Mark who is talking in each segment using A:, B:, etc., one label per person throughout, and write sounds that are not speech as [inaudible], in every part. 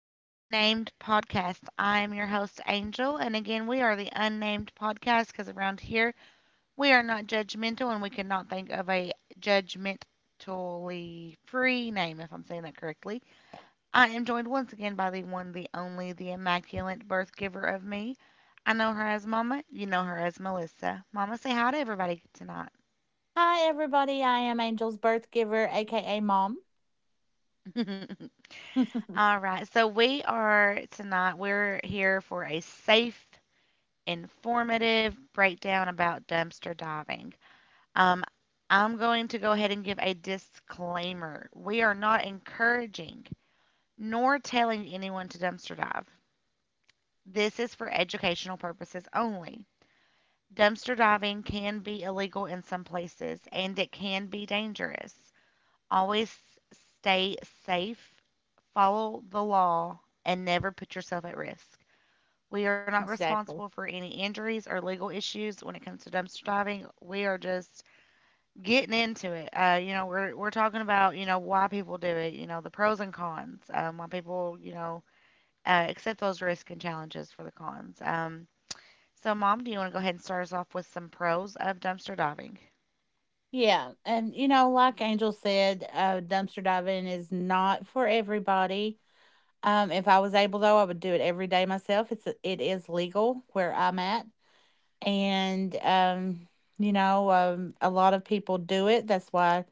A: the Unnamed Podcast. I am your host, Angel, and again, we are the Unnamed Podcast because around here we are not judgmental and we cannot think of a judgmentally free name, if I'm saying that correctly. I am joined once again by the one, the only, the immaculate birth giver of me. I know her as Mama, you know her as Melissa. Mama, say hi to everybody tonight.
B: Hi, everybody. I am Angel's birth giver, aka mom. [laughs]
A: [laughs] All right, so we are tonight, we're here for a safe informative breakdown about dumpster diving. Um, I'm going to go ahead and give a disclaimer. We are not encouraging nor telling anyone to dumpster dive. This is for educational purposes only. Dumpster diving can be illegal in some places and it can be dangerous. Always stay safe, follow the law, and never put yourself at risk. We are not
B: Exactly.
A: responsible for any injuries or legal issues when it comes to dumpster diving. We are just getting into it. We're talking about, why people do it, the pros and cons, why people, accept those risks and challenges for the cons. So, Mom, do you want to go ahead and start us off with some pros of dumpster diving?
B: Yeah. Like Angel said, dumpster diving is not for everybody. If I was able, though, I would do it every day myself. It is legal where I'm at, and a lot of people do it. That's why,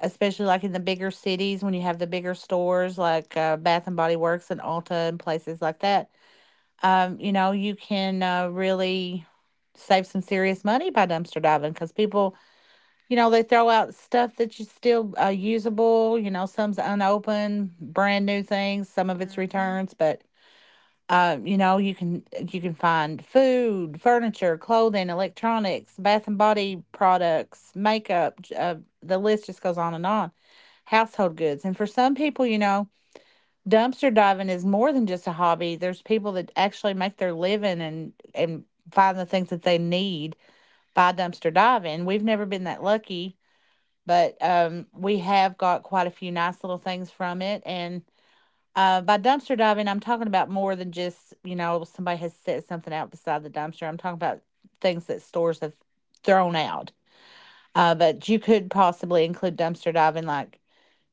B: especially like in the bigger cities, when you have the bigger stores like Bath and Body Works and Ulta and places like that, you can really save some serious money by dumpster diving because people, they throw out stuff that's still usable. You know, some's unopened, brand new things. Some of it's
A: Hmm.
B: returns, but uh, you know, you can you can find food, furniture, clothing, electronics, bath and body products, makeup. The list just goes on and on. Household goods, and for some people, dumpster diving is more than just a hobby. There's people that actually make their living and find the things that they need by dumpster diving. We've never been that lucky, but we have got quite a few nice little things from it. And by dumpster diving, I'm talking about more than just somebody has set something out beside the dumpster. I'm talking about things that stores have thrown out. But you could possibly include dumpster diving, like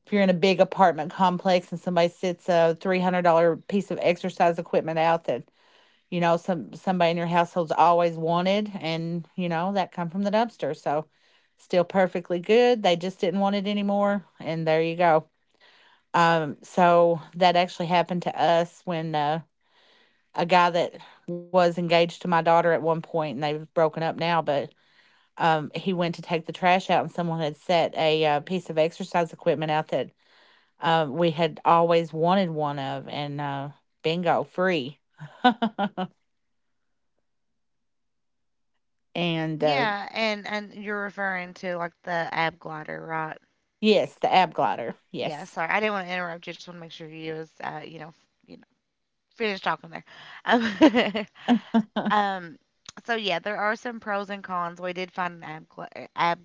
B: if you're in a big apartment complex and somebody sits a $300 piece of exercise equipment out that somebody in your household's always wanted, and that come from the dumpster, so still perfectly good. They just didn't want it anymore, and there you go. So that actually happened to us when a guy that was engaged to my daughter at one point, and they've broken up now, but he went to take the trash out, and someone had set a piece of exercise equipment out that we had always wanted one of, and bingo, free. [laughs] And
A: Yeah, and you're referring to like the ab glider, right?
B: yes, the ab glider.
A: Yeah,
B: Yes.
A: sorry, I didn't want to interrupt you. Just want to make sure you was, finished talking there. Um, [laughs]
B: [laughs]
A: Um, so yeah, there are some pros and cons. We did find ab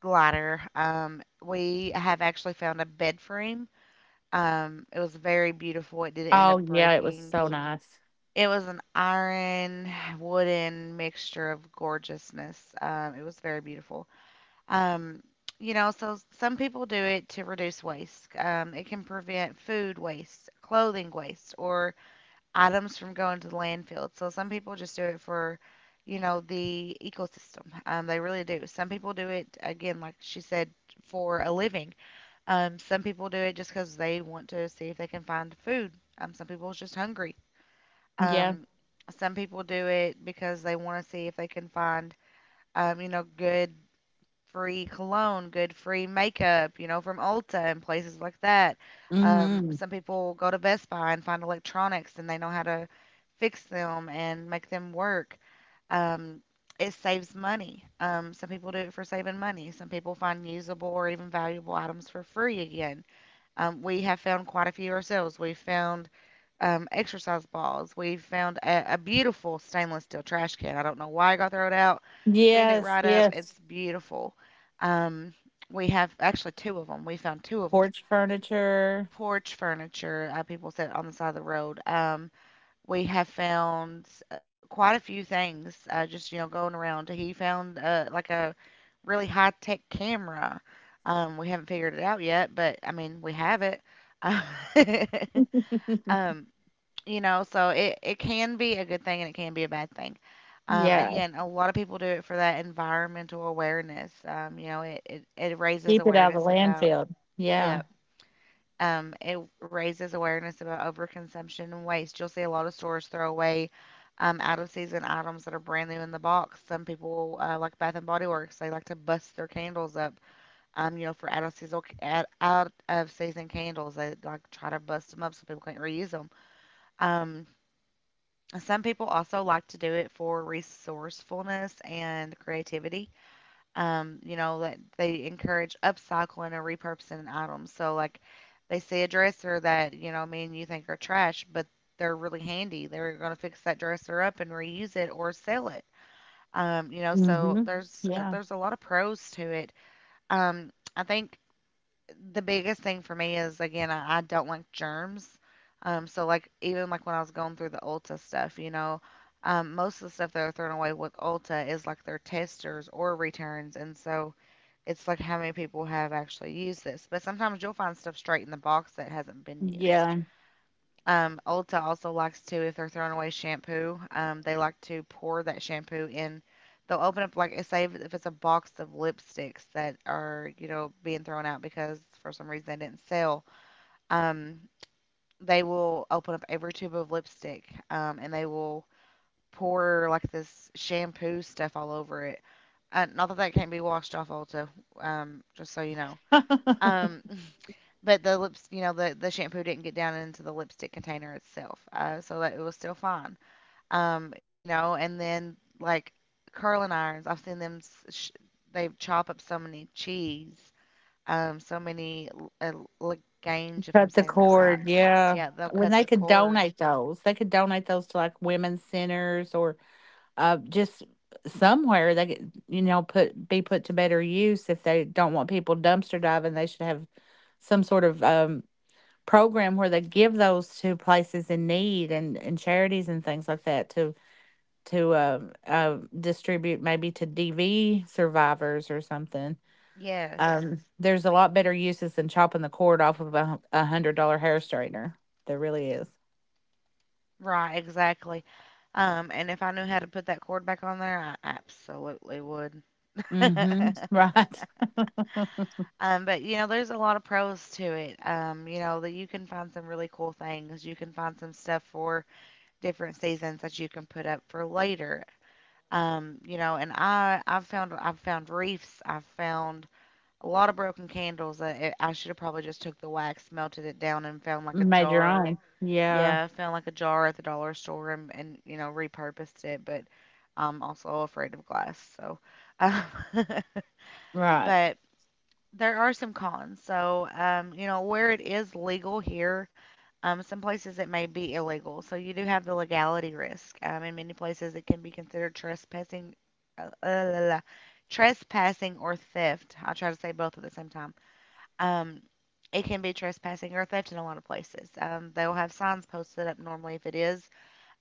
A: glider. We have actually found a bed frame. It was very beautiful. It didn't end
B: Oh,
A: up
B: yeah, it was
A: breaking.
B: so nice.
A: It was an iron wooden mixture of gorgeousness. It was very beautiful. Um, so some people do it to reduce waste. It can prevent food waste, clothing waste, or items from going to the landfill. So some people just do it for, you know, the ecosystem. They really do. Some people do it, again, like she said, for a living. Some people do it just because they want to see if they can find food. Some people are just hungry.
B: Yeah.
A: Um, some people do it because they want to see if they can find, you know, good free cologne, good free makeup, you know, from Ulta and places like that.
B: Hmm.
A: Some people go to Best Buy and find electronics and they know how to fix them and make them work. Um, it saves money. Some people do it for saving money. Some people find usable or even valuable items for free again. We have found quite a few ourselves. We found exercise balls. We found a beautiful stainless steel trash can. I don't know why it got thrown out. Cleaned it
B: Yes,
A: right up.
B: yes.
A: It's beautiful. Um, we have actually two of them. We found two of them.
B: Porch furniture.
A: Porch furniture. People sit on the side of the road. We have found quite a few things. Just you know going around. He found like a really high tech camera. We haven't figured it out yet, but I mean we have it. [laughs]
B: [laughs]
A: Um, you know so it can be a good thing and it can be a bad thing. Um,
B: Yeah.
A: again, a lot of people do it for that environmental awareness. It raises
B: Keep it out of the
A: awareness about,
B: landfill. Yeah.
A: yeah, it raises awareness about overconsumption and waste. You'll see a lot of stores throw away, out of season items that are brand new in the box. Some people, like Bath and Body Works, they like to bust their candles up. For out of season candles, they like try to bust them up so people can't reuse them. um, some people also like to do it for resourcefulness and creativity. You know, that they encourage upcycling or repurposing items. So, like, they see a dresser that, you know, me and you think are trash, but they're really handy. They're going to fix that dresser up and reuse it or sell it. You know, so
B: Hmm. Yeah.
A: there's a lot of pros to it. Um, I think the biggest thing for me is, again, I don't like germs. So like even like when I was going through the Ulta stuff, you know, most of the stuff that are thrown away with Ulta is like their testers or returns, and so it's like how many people have actually used this. But sometimes you'll find stuff straight in the box that hasn't been used.
B: Yeah.
A: Ulta also likes to, if they're throwing away shampoo, they like to pour that shampoo in. They'll open up like say if it's a box of lipsticks that are you know being thrown out because for some reason they didn't sell. Um, they will open up every tube of lipstick and they will pour like this shampoo stuff all over it. Not that that can't be washed off Ulta, just so you know.
B: [laughs]
A: Um, [laughs] But the lips, you know, the shampoo didn't get down into the lipstick container itself, so that it was still fine. And then like curling irons, I've seen them. They chop up so many cheese, so many legange, if I'm
B: Cut the
A: saying that
B: cord,
A: right.
B: yeah.
A: Yeah, they'll
B: When
A: cut
B: they
A: the
B: could
A: cord.
B: donate those, they could donate those to like women's centers or just somewhere they could, put be put to better use. If they don't want people dumpster diving, they should have some sort of program where they give those to places in need and charities and things like that to to uh, distribute maybe to DV survivors or something.
A: Yes,
B: There's a lot better uses than chopping the cord off of a hundred-dollar hair straightener. There really is.
A: right, exactly. And if I knew how to put that cord back on there, I absolutely would. [laughs]
B: Mm-hmm. Right. [laughs]
A: But you know, there's a lot of pros to it. You know that you can find some really cool things. You can find some stuff for different seasons that you can put up for later. And I've found reefs. I've found a lot of broken candles. I should have probably just took the wax, melted it down, and found like a
B: Made your
A: jar.
B: own. Yeah.
A: Yeah, found like a jar at the dollar store and you know repurposed it. But I'm also afraid of glass, so. Um, [laughs]
B: Right.
A: but there are some cons. So, you know, where it is legal here, some places it may be illegal. So you do have the legality risk. In many places, it can be considered trespassing, uh, uh, la, la, trespassing or theft. I try to say both at the same time. Um, it can be trespassing or theft in a lot of places. They'll have signs posted up normally if it is.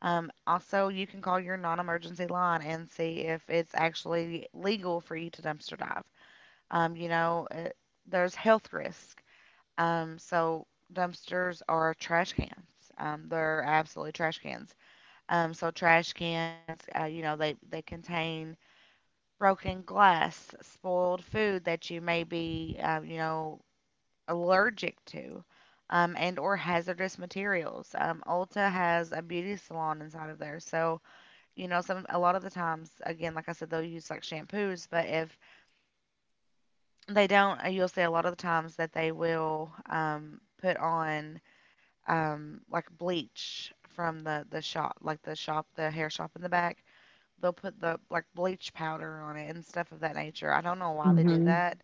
A: Also, you can call your non emergency line and see if it's actually legal for you to dumpster dive. Um, you know, uh there's health risk. So dumpsters are trash cans. They're absolutely trash cans. So trash cans, you know, they contain broken glass, spoiled food that you may be, you know, allergic to, and or hazardous materials. Ulta has a beauty salon inside of there, so you know, some a lot of the times, again, like I said, they'll use like shampoos, but if they don't. You'll see a lot of the times that they will put on, like bleach from the shop, the hair shop in the back. They'll put the like bleach powder on it and stuff of that nature. I don't know why they do
B: Mm-hmm.
A: that.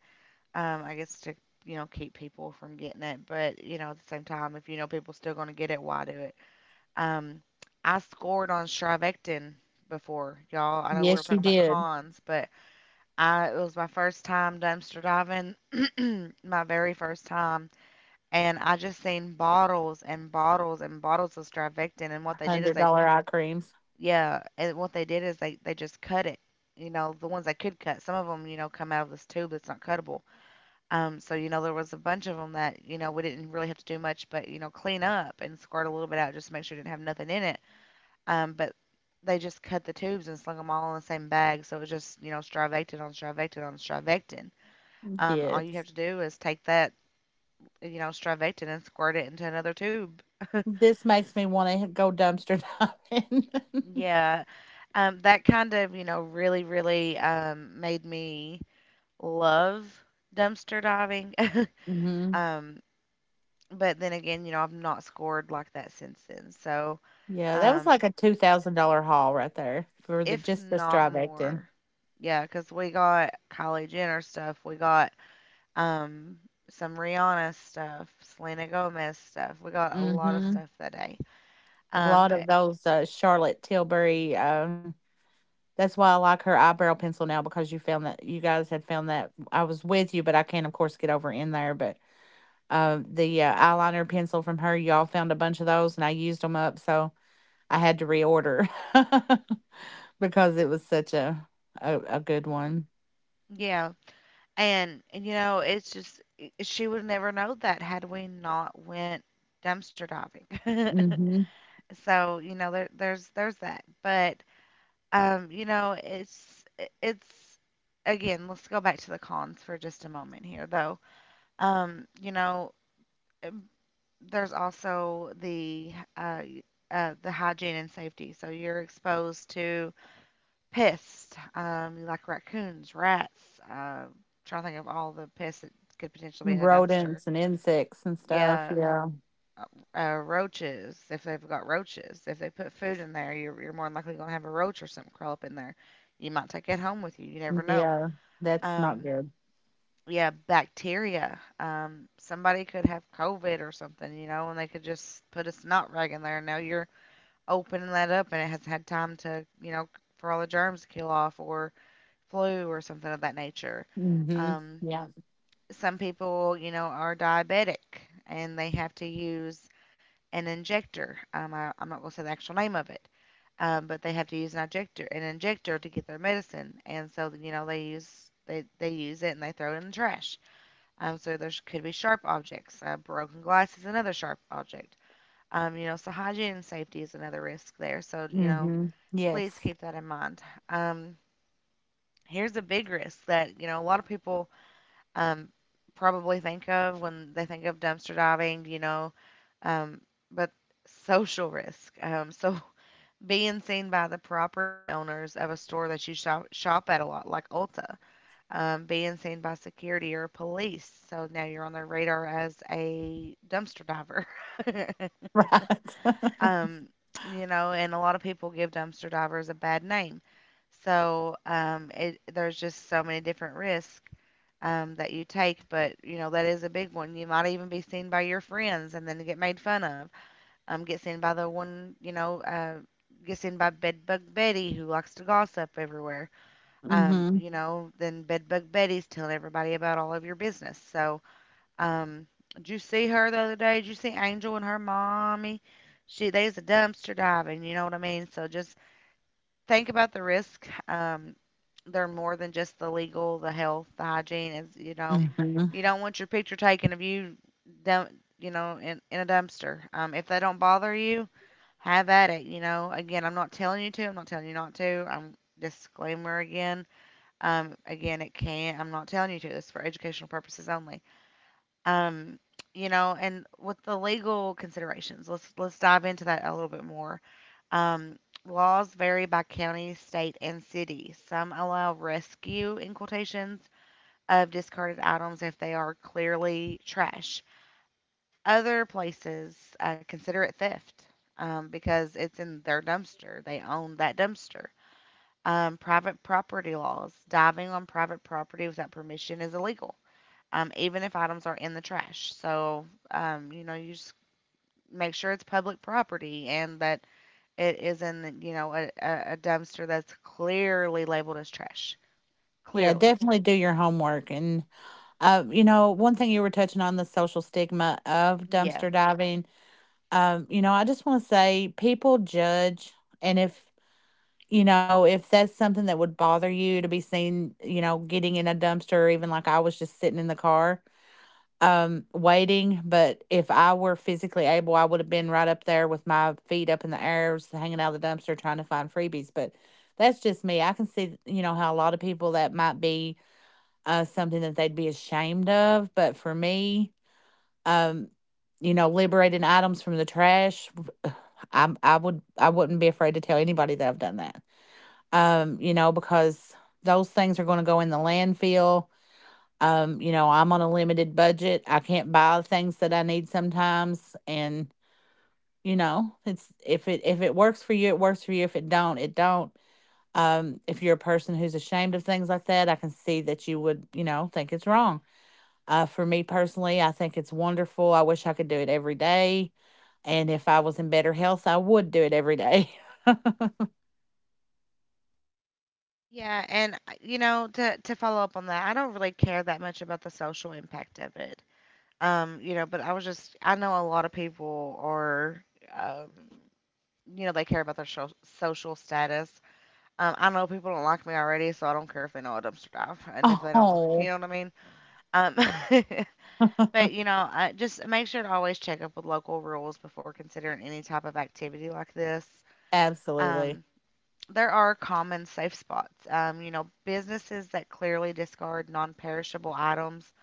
A: I guess to you know keep people from getting it, but you know at the same time, if you know people still gonna get it, why do it? Um, I scored on Strivectin before, y'all. I know we were
B: Yes, you
A: talking about
B: did.
A: cons, but I it was my first time dumpster diving. Mm, my very first time, and I just seen bottles and bottles and bottles of Strivectin, and what they did is
B: Hundred dollar eye creams.
A: yeah, and what they did is they just cut it. You know, the ones they could cut. Some of them, you know, come out of this tube that's not cuttable. So you know, there was a bunch of them that you know we didn't really have to do much, but you know, clean up and squirt a little bit out just to make sure it didn't have nothing in it. But they just cut the tubes and slung them all in the same bag, so it was just you know, Strivectin on Strivectin. All you have
B: Yes.
A: to do is take that you know, strivectin and squirt it into another tube.
B: This makes me want to go dumpster diving. [laughs] Mm
A: Yeah. That kind of, you know, really made me love dumpster diving. [laughs]
B: hmm.
A: um, but then again, you know, I've not scored like that since then. So,
B: Yeah, that was
A: um,
B: like a $2,000 haul right there for the
A: if
B: just the
A: not
B: strivectin.
A: more, yeah, because we got Kylie Jenner stuff, we got um, some Rihanna stuff, Selena Gomez stuff. We got a lot of
B: Mm-hmm.
A: stuff that day.
B: A
A: Um,
B: lot of
A: but
B: those Charlotte Tilbury. That's why I like her eyebrow pencil now because you found that you guys had found that I was with you, but I can't, of course, get over in there. But the eyeliner pencil from her, y'all found a bunch of those, and I used them up, so I had to reorder [laughs] because it was such a good one.
A: yeah, And, and, you know, it's just she would never know that had we not went dumpster diving. [laughs]
B: Hmm.
A: So, you know, there's that. But you know, it's again, let's go back to the cons for just a moment here though. Um, you know, um, there's also the uh, y- the hygiene and safety. So you're exposed to pests, like raccoons, rats. Trying to think of all the pests that could potentially be in a dumpster.
B: Rodents and insects and stuff.
A: Yeah,
B: Yeah,
A: roaches. If they've got roaches, if they put food in there, you're more than likely gonna have a roach or something crawl up in there. You might take it home with you. You never know.
B: yeah, that's not
A: Um,
B: good.
A: yeah, bacteria. Somebody could have COVID or something, you know, and they could just put a snot rag in there. Now you're opening that up, and it has had time to, you know, for all the germs to kill off, or flu or something of that nature.
B: Hmm.
A: Um,
B: Yeah.
A: some people, you know, are diabetic and they have to use an injector. Um, I'm not going to say the actual name of it, but they have to use an injector to get their medicine. And so, you know, they use it and they throw it in the trash. So there could be sharp objects. Broken glass is another sharp object. You know, so hygiene and safety is another risk there. So you know,
B: Hmm.
A: please
B: Yes.
A: keep that in mind. Um, here's a big risk that you know a lot of people um, probably think of when they think of dumpster diving, um, but social risk. So [laughs] being seen by the property owners of a store that you shop at a lot, like Ulta, being seen by security or police. So now you're on their radar as a dumpster diver. [laughs]
B: [laughs] Right. [laughs]
A: Um, you know, and a lot of people give dumpster divers a bad name. So there's just so many different risks that you take, but you know that is a big one. You might even be seen by your friends and then get made fun of. Get seen by the one, get seen by Bedbug Betty who likes to gossip everywhere.
B: Hmm.
A: You know, then Bedbug Betty's telling everybody about all of your business. So um, did you see her the other day? Did you see Angel and her mommy? She they's a dumpster diving. You know what I mean? So just think about the risk. They're more than just the legal, the health, the hygiene. Is you know,
B: Hmm.
A: you don't want your picture taken of you dump, you know, in a dumpster. If they don't bother you, have at it. You know, again, I'm not telling you to. I'm not telling you not to. I'm disclaimer again. Again, it can. I'm not telling you to. This is for educational purposes only. Um, you know, and with the legal considerations, let's dive into that a little bit more. Um, laws vary by county, state, and city. Some allow rescue in quotations of discarded items if they are clearly trash. Other places consider it theft because it's in their dumpster. They own that dumpster. Private property laws. Diving on private property without permission is illegal even if items are in the trash. So, you know, you just make sure it's public property and that it is in, you know, a dumpster that's clearly labeled as trash.
B: Yeah,
A: Clearly.
B: definitely do your homework. And, one thing you were touching on the social stigma of
A: Yeah.
B: dumpster diving. I just want to say people judge. And if, if that's something that would bother you to be seen, getting in a dumpster, or even like I was just sitting in the car, waiting. But if I were physically able, I would have been right up there with my feet up in the air, just hanging out of the dumpster trying to find freebies. But that's just me. I can see, how a lot of people that might be something that they'd be ashamed of. But for me, um, liberating items from the trash, I would I wouldn't be afraid to tell anybody that I've done that. Because those things are going to go in the landfill. You know, I'm on a limited budget. I can't buy the things that I need sometimes, and you know, it's if it works for you, it works for you. If it don't, it don't. If you're a person who's ashamed of things like that, I can see that you would, think it's wrong. For me personally, I think it's wonderful. I wish I could do it every day. And if I was in better health, I would do it every day. [laughs]
A: Yeah, and you know, to follow up on that, I don't really care that much about the social impact of it. You know, but I was just I know a lot of people are um, you know, they care about their social status. I know people don't like me already, so I don't care if they know a dumpster dive and if they don't, you
B: Oh,
A: know what I mean? Um, [laughs] but you know, just make sure to always check up with local rules before considering any type of activity like this.
B: absolutely.
A: Um, there are common safe spots. You know, businesses that clearly discard non-perishable items.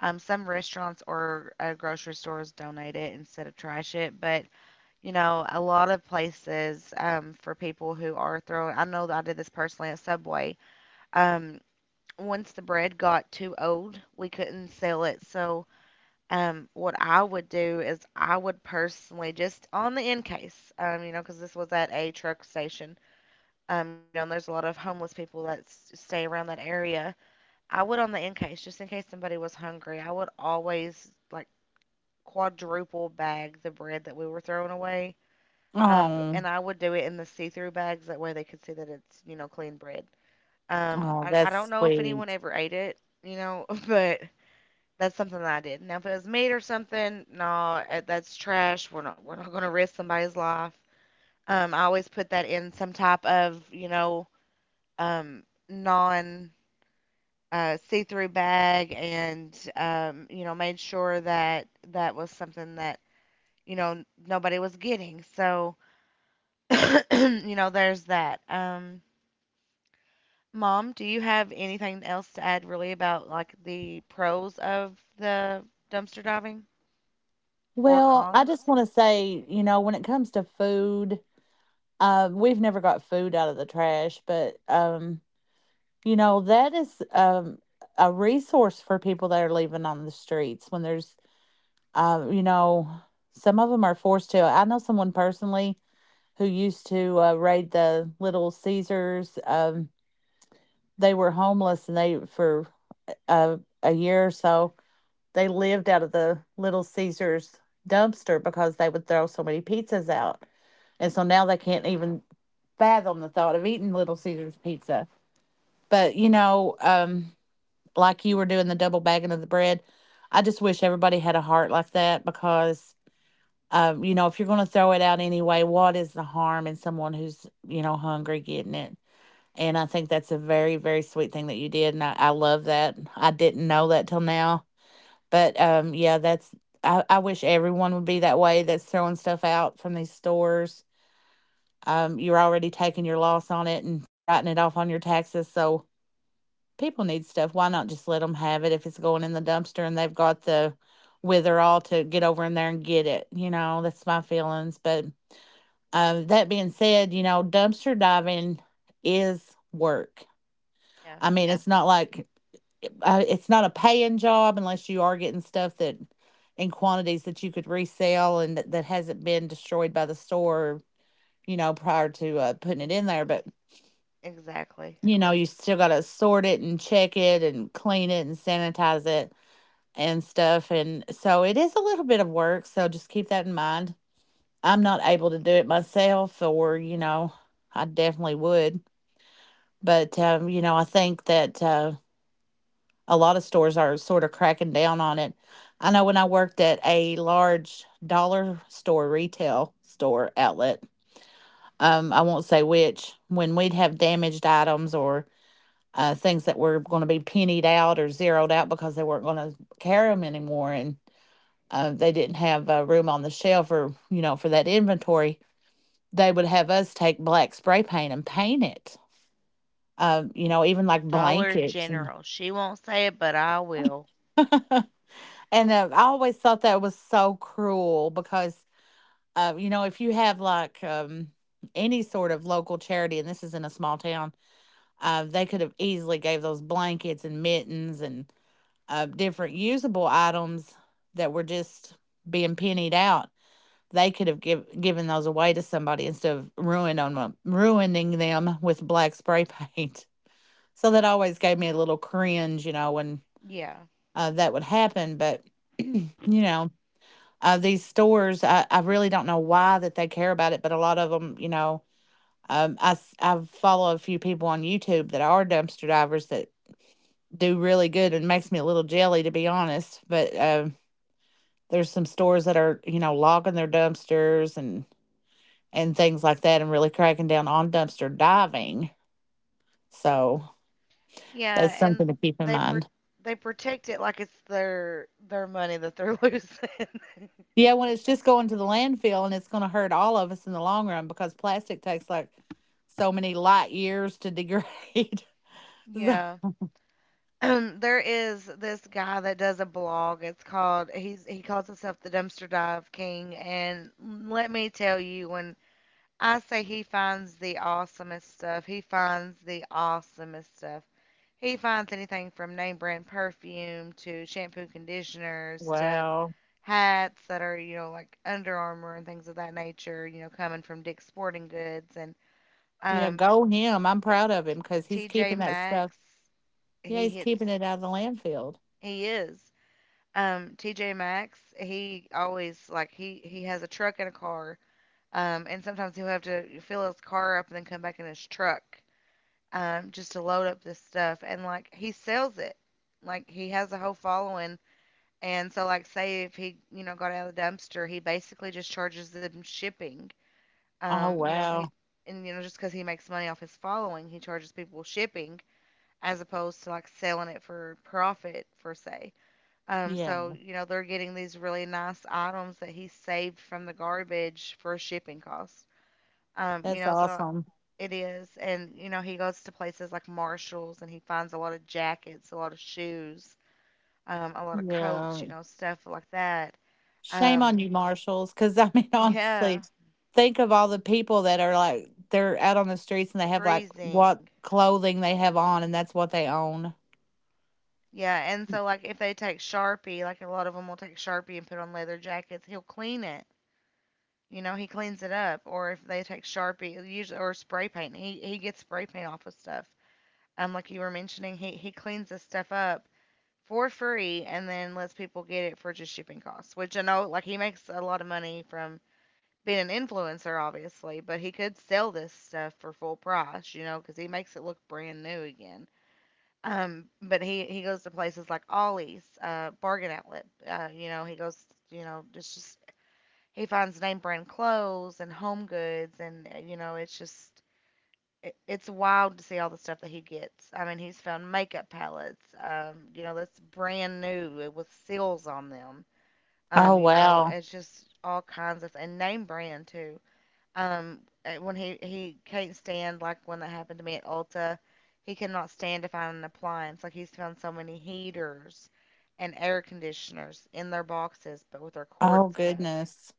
A: Some restaurants or grocery stores donate it instead of trash it, but you know, a lot of places for people who are throwing. I know that I did this personally at Subway. Um, once the bread got too old, we couldn't sell it, so what I would do is I would personally just on the in case, you know, because this was at a truck station, you know, and there's a lot of homeless people that stay around that area. I would on the in case, just in case somebody was hungry, I would always like quadruple bag the bread that we were throwing away. Um, and
B: Oh,
A: I would do it in the see-through bags. That way they could see that it's, you know, clean bread. Um,
B: oh,
A: I, I
B: that's
A: don't know if
B: sweet.
A: anyone ever ate it, you know, [laughs] but that's something that I did. Now, if it was meat or something, no, eh, that's trash. We're not going to risk somebody's life. I always put that in some type of you know um, non see-through bag, and you know made sure that that was something that you know nobody was getting. So [coughs] [clears throat] you know there's that. Mom, do you have anything else to add really about like the pros of the dumpster diving or
B: Well, I
A: cons?
B: just want to say, when it comes to food, we've never got food out of the trash, but that is a resource for people that are leaving on the streets when there's, uh, you know, some of them are forced to. I know someone personally who used to raid the Little Caesars. They were homeless and they, for a year or so, they lived out of the Little Caesars dumpster because they would throw so many pizzas out. And so now they can't even fathom the thought of eating Little Caesars pizza. But, like you were doing the double bagging of the bread, I just wish everybody had a heart like that because if you're going to throw it out anyway, what is the harm in someone who's, hungry getting it? And I think that's a very, very sweet thing that you did. And I love that. I didn't know that till now. But yeah, I wish everyone would be that way that's throwing stuff out from these stores. You're already taking your loss on it and writing it off on your taxes. So people need stuff. Why not just let them have it if it's going in the dumpster and they've got the witherall to get over in there and get it? You know, that's my feelings. But that being said, dumpster diving is work.
A: Yeah.
B: I mean, it's not like it's not a paying job unless you are getting stuff that in quantities that you could resell and that hasn't been destroyed by the store, prior to putting it
A: Ex-
B: in there. But,
A: exactly.
B: you still got to sort it and check it and clean it and sanitize it and stuff. And so it is a little bit of work. So just keep that in mind. I'm not able to do it myself, or, I definitely would. But, I think that, a lot of stores are sort of cracking down on it. I know when I worked at a large dollar store retail store outlet, I won't say which, when we'd have damaged items or things that were going to be pennied out or zeroed out because they weren't going to carry them anymore, and they didn't have room on the shelf or for that inventory, they would have us take black spray paint and paint it. Even like
A: Dollar
B: blankets and
A: General. She won't say it, but I will.
B: [laughs] And I always thought that was so cruel because, if you have like any sort of local charity, and this is in a small town, they could have easily gave those blankets and mittens and different usable items that were just being pennied out. They could have given those away to somebody instead of ruining them with black spray paint. [laughs] So that always gave me a little cringe, when
A: Yeah.
B: that would happen. But [clears throat] you know, these stores, I really don't know why that they care about it, but a lot of them, I follow a few people on YouTube that are dumpster divers that do really good and makes me a little jelly, to be honest. But there's some stores that are, logging their dumpsters and things like that and really cracking down on dumpster diving. So
A: Yeah,
B: that's
A: and
B: something to keep in
A: they pro-
B: mind.
A: they protect it like it's their money that they're [laughs] losing.
B: Yeah, when it's just going to the landfill and it's going to hurt all of us in the long run because plastic takes like so many light years to [laughs] degrade.
A: Yeah.
B: Z-
A: [clears throat] There is this guy that does a blog. It's called he calls himself the Dumpster Dive King, and let me tell you, when I say he finds the awesomest stuff, he finds the awesomest stuff. He finds anything from name brand perfume to shampoo conditioners to
B: Wow.
A: hats that are, you know, like Under Armour and things of that nature, you know, coming from Dick's Sporting Goods. And
B: Yeah,
A: um,
B: go him. I'm proud of him because he's
A: TJ
B: keeping that stuff.
A: Maxx,
B: Yeah,
A: he
B: he's keeping
A: hits,
B: it out of the landfill.
A: he is. TJ Maxx, he always, like, he has a truck and a car. And sometimes he'll have to fill his car up and then come back in his truck just to load up this stuff. And, like, he sells it. Like, he has a whole following. And so, like, say if he, you know, got out of the dumpster, he basically just charges them shipping.
B: Oh,
A: You know, he
B: wow.
A: and you know just because he makes money off his following, he charges people shipping as opposed to like selling it for profit, for say.
B: Yeah,
A: So you know they're getting these really nice items that he saved from the garbage for shipping costs. You
B: that's
A: know, so
B: awesome.
A: it is, and you know he goes to places like Marshalls and he finds a lot of jackets, a lot of shoes, a lot of coats,
B: Yeah.
A: you know, stuff like that
B: Shame on
A: um,
B: you, Marshals. Because I mean, [laughs]
A: yeah,
B: honestly, think of all the people that are, like, they're out on the streets and they have, like, what
A: freezing.
B: clothing they have on, and that's what they own.
A: Yeah, and so like if they take Sharpie, like a lot of them will take Sharpie and put on leather jackets, he'll clean it. You know, he cleans it up. Or if they take Sharpie, usually or spray paint, he gets spray paint off of stuff. Like you were mentioning, he cleans this stuff up for free and then lets people get it for just shipping costs. Which I know, like he makes a lot of money from being an influencer, obviously, but he could sell this stuff for full price, you know, because he makes it look brand new again. But he goes to places like Ollie's, Bargain Outlet. You know, he goes, you know, it's just he finds name brand clothes and home goods, and you know, it's just it's wild to see all the stuff that he gets. I mean, he's found makeup palettes, you know, that's brand new with seals on them.
C: Oh,
A: You know,
C: wow.
A: it's just all kinds of and name brand too. When he can't stand like when that happened to me at Ulta, he cannot stand to find an appliance. Like he's found so many heaters and air conditioners in their boxes, but with their
C: Oh,
A: cords cut.
C: goodness.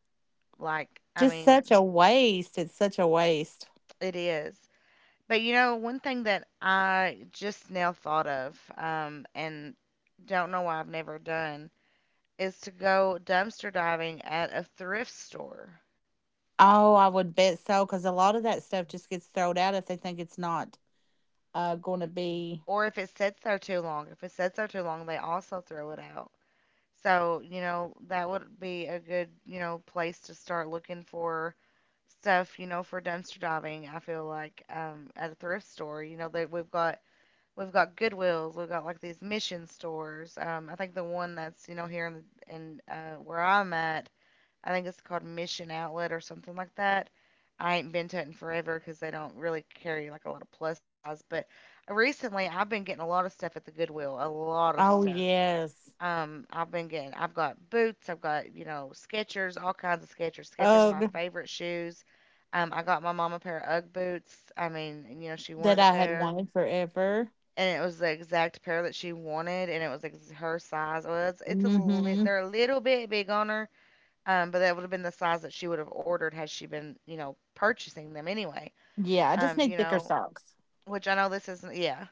A: Like I
C: Just
A: mean,
C: such a waste. It's such a waste.
A: it is. But you know, one thing that I just now thought of, and don't know why I've never done, is to go dumpster diving at a thrift store.
C: Oh, I would bet so, because a lot of that stuff just gets thrown out if they think it's not gonna be.
A: Or if it sits there too long, if it sits there too long, they also throw it out. So, you know, that would be a good, you know, place to start looking for stuff, you know, for dumpster diving. I feel like at a thrift store, you know, that we've got Goodwills, we've got like these mission stores. I think the one that's, you know, here in in where I'm at, I think it's called Mission Outlet or something like that. I ain't been to it in forever because they don't really carry like a lot of plus size. But recently, I've been getting a lot of stuff at the Goodwill, a lot of
C: Oh,
A: stuff.
C: yes.
A: I've been getting, I've got boots, I've got, you know, Skechers, all kinds of Skechers. Skechers are my
C: Ugh,
A: favorite shoes. I got my mom a pair of Ugg boots. I mean, you know, she
C: that
A: wanted a
C: I had
A: pair,
C: wanted forever.
A: and it was the exact pair that she wanted, and it was her size. Well, it's it's a li-
C: Mhm.
A: they're a little bit big on her, but that would have been the size that she would have ordered had she been, you know, purchasing them anyway.
C: Yeah, I just
A: You
C: need thicker
A: know,
C: socks.
A: which I know this isn't, yeah.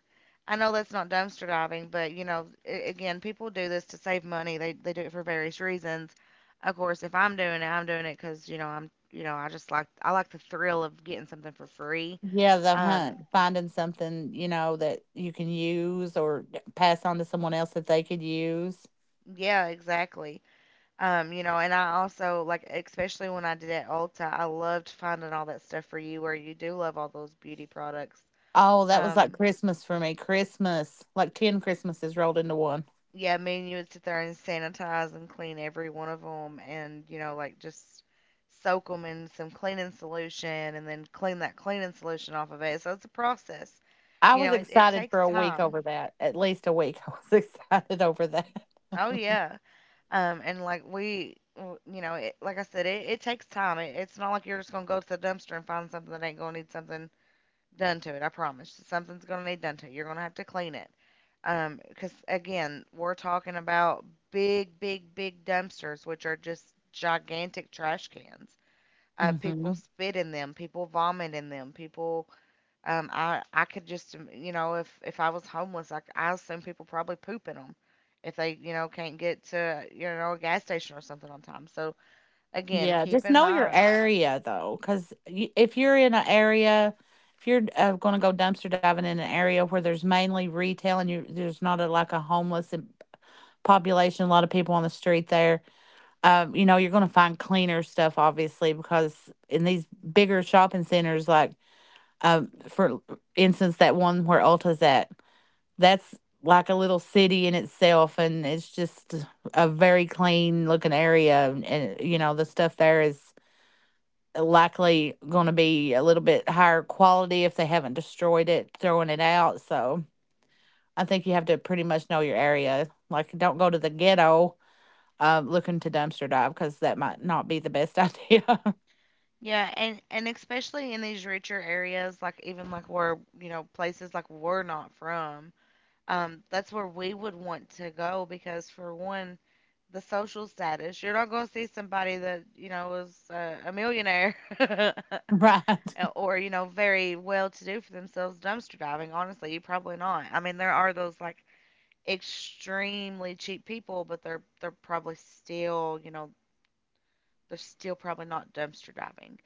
A: I know that's not dumpster diving, but you know, again, people do this to save money. They do it for various reasons. Of course, if I'm doing it, I'm doing it because you know I'm you know I just like I like the thrill of getting something for free.
C: Yeah, the
A: Um,
C: hunt, finding something, you know, that you can use or d pass on to someone else that they could use.
A: yeah, exactly. You know, and I also like especially when I did at Ulta, I loved finding all that stuff for you where you do love all those beauty products.
C: Oh, that was like
A: Um,
C: Christmas for me, Christmas, like 10 Christmases rolled into one.
A: yeah, me and you would sit there and sanitize and clean every one of them, and you know, like just soak them in some cleaning solution, and then clean that cleaning solution off of it. So it's a process.
C: I
A: You
C: was
A: know, it
C: excited
A: takes
C: for a week
A: time.
C: over that. At least a week. [laughs] I was excited over that. [laughs]
A: Oh yeah. And like you know, like I said, it takes time. It's not like you're just gonna go to the dumpster and find something that ain't gonna need something done to it. I promise. Something's gonna need done to it. You're gonna have to clean it. Because again, we're talking about big, big, big dumpsters, which are just gigantic trash cans. People
C: Mhm.
A: spit in them, people vomit in them, people. I could just, you know, if I was homeless, I assume people probably poop in them if they, you know, can't get to, you know, a gas station or something on time. So again,
C: Yeah,
A: keep
C: just
A: in
C: know your
A: mind.
C: area though, because if you're in an area, if you're gonna go dumpster diving in an area where there's mainly retail, and you there's not a, like, a homeless population, a lot of people on the street there, you know, you're gonna find cleaner stuff, obviously, because in these bigger shopping centers, like, for instance, that one where Ulta's at, that's like a little city in itself, and it's just a very clean looking area, and you know, the stuff there is likely going to be a little bit higher quality if they haven't destroyed it throwing it out. So I think you have to pretty much know your area. Like, don't go to the ghetto looking to dumpster dive, because that might not be the best idea.
A: Yeah, and especially in these richer areas, like even like where, you know, places like we're not from. That's where we would want to go because, for one, the social status. You're not going to see somebody that you know is a millionaire [laughs]
C: [laughs] Right.
A: or you know very well to do for themselves dumpster diving. Honestly, you probably not. I mean, there are those like extremely cheap people, but they're probably still you know they're still probably not dumpster diving.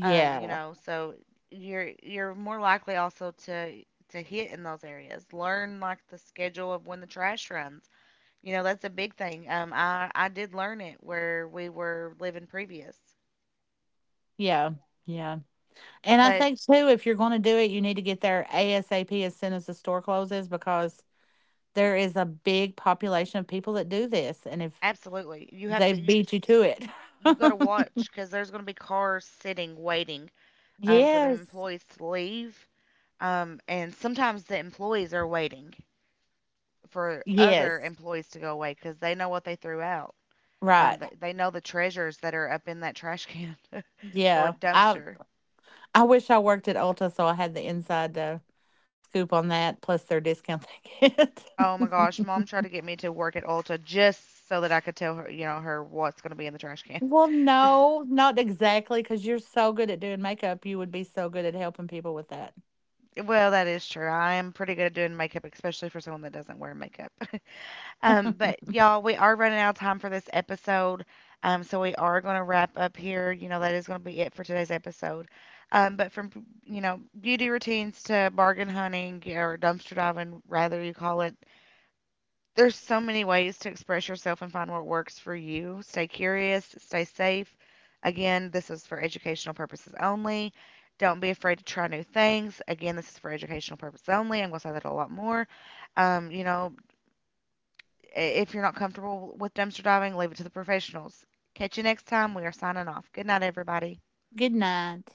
A: You know, so you're more likely also to hit in those areas. Learn like the schedule of when the trash runs. You know, that's a big thing. I did learn it where we were living previous,
C: yeah Yeah, and I
A: but
C: think too, if you're going to do it, you need to get there asap as soon as the store closes, because there is a big population of people that do this, and if
A: absolutely,
C: they've beat you to it.
A: you've got to
C: [laughs]
A: watch because there's going to be cars sitting waiting for the
C: Yes.
A: employees to leave, and sometimes the employees are waiting for other
C: Yes.
A: employees to go away because they know what they threw out.
C: Right.
A: They know the treasures that are up in that trash can [laughs] or
C: Yeah.
A: dumpster.
C: I wish I worked at Ulta so I had the inside scoop on that, plus their discount they get.
A: Oh my
C: [laughs]
A: gosh, mom tried to get me to work at Ulta just so that I could tell her what's going to be in the trash can.
C: Well, no, not exactly, because 'cause you're so good at doing makeup, you would be so good at helping people with that.
A: Well, that is true. I am pretty good at doing makeup, especially for someone that doesn't wear makeup. [laughs] But
C: [laughs]
A: y'all, we are running out of time for this episode. So we are going to wrap up here. You know, that is going to be it for today's episode. Um, but from, you know, beauty routines to bargain hunting or dumpster diving, rather you call it, there's so many ways to express yourself and find what works for you. Stay curious, stay safe. Again, this is for educational purposes only. Don't be afraid to try new things. Again, this is for educational purposes only. I'm going to say that a lot more. You know, if you're not comfortable with dumpster diving, leave it to the professionals. Catch you next time. We are signing off. Good night, everybody.
C: Good night.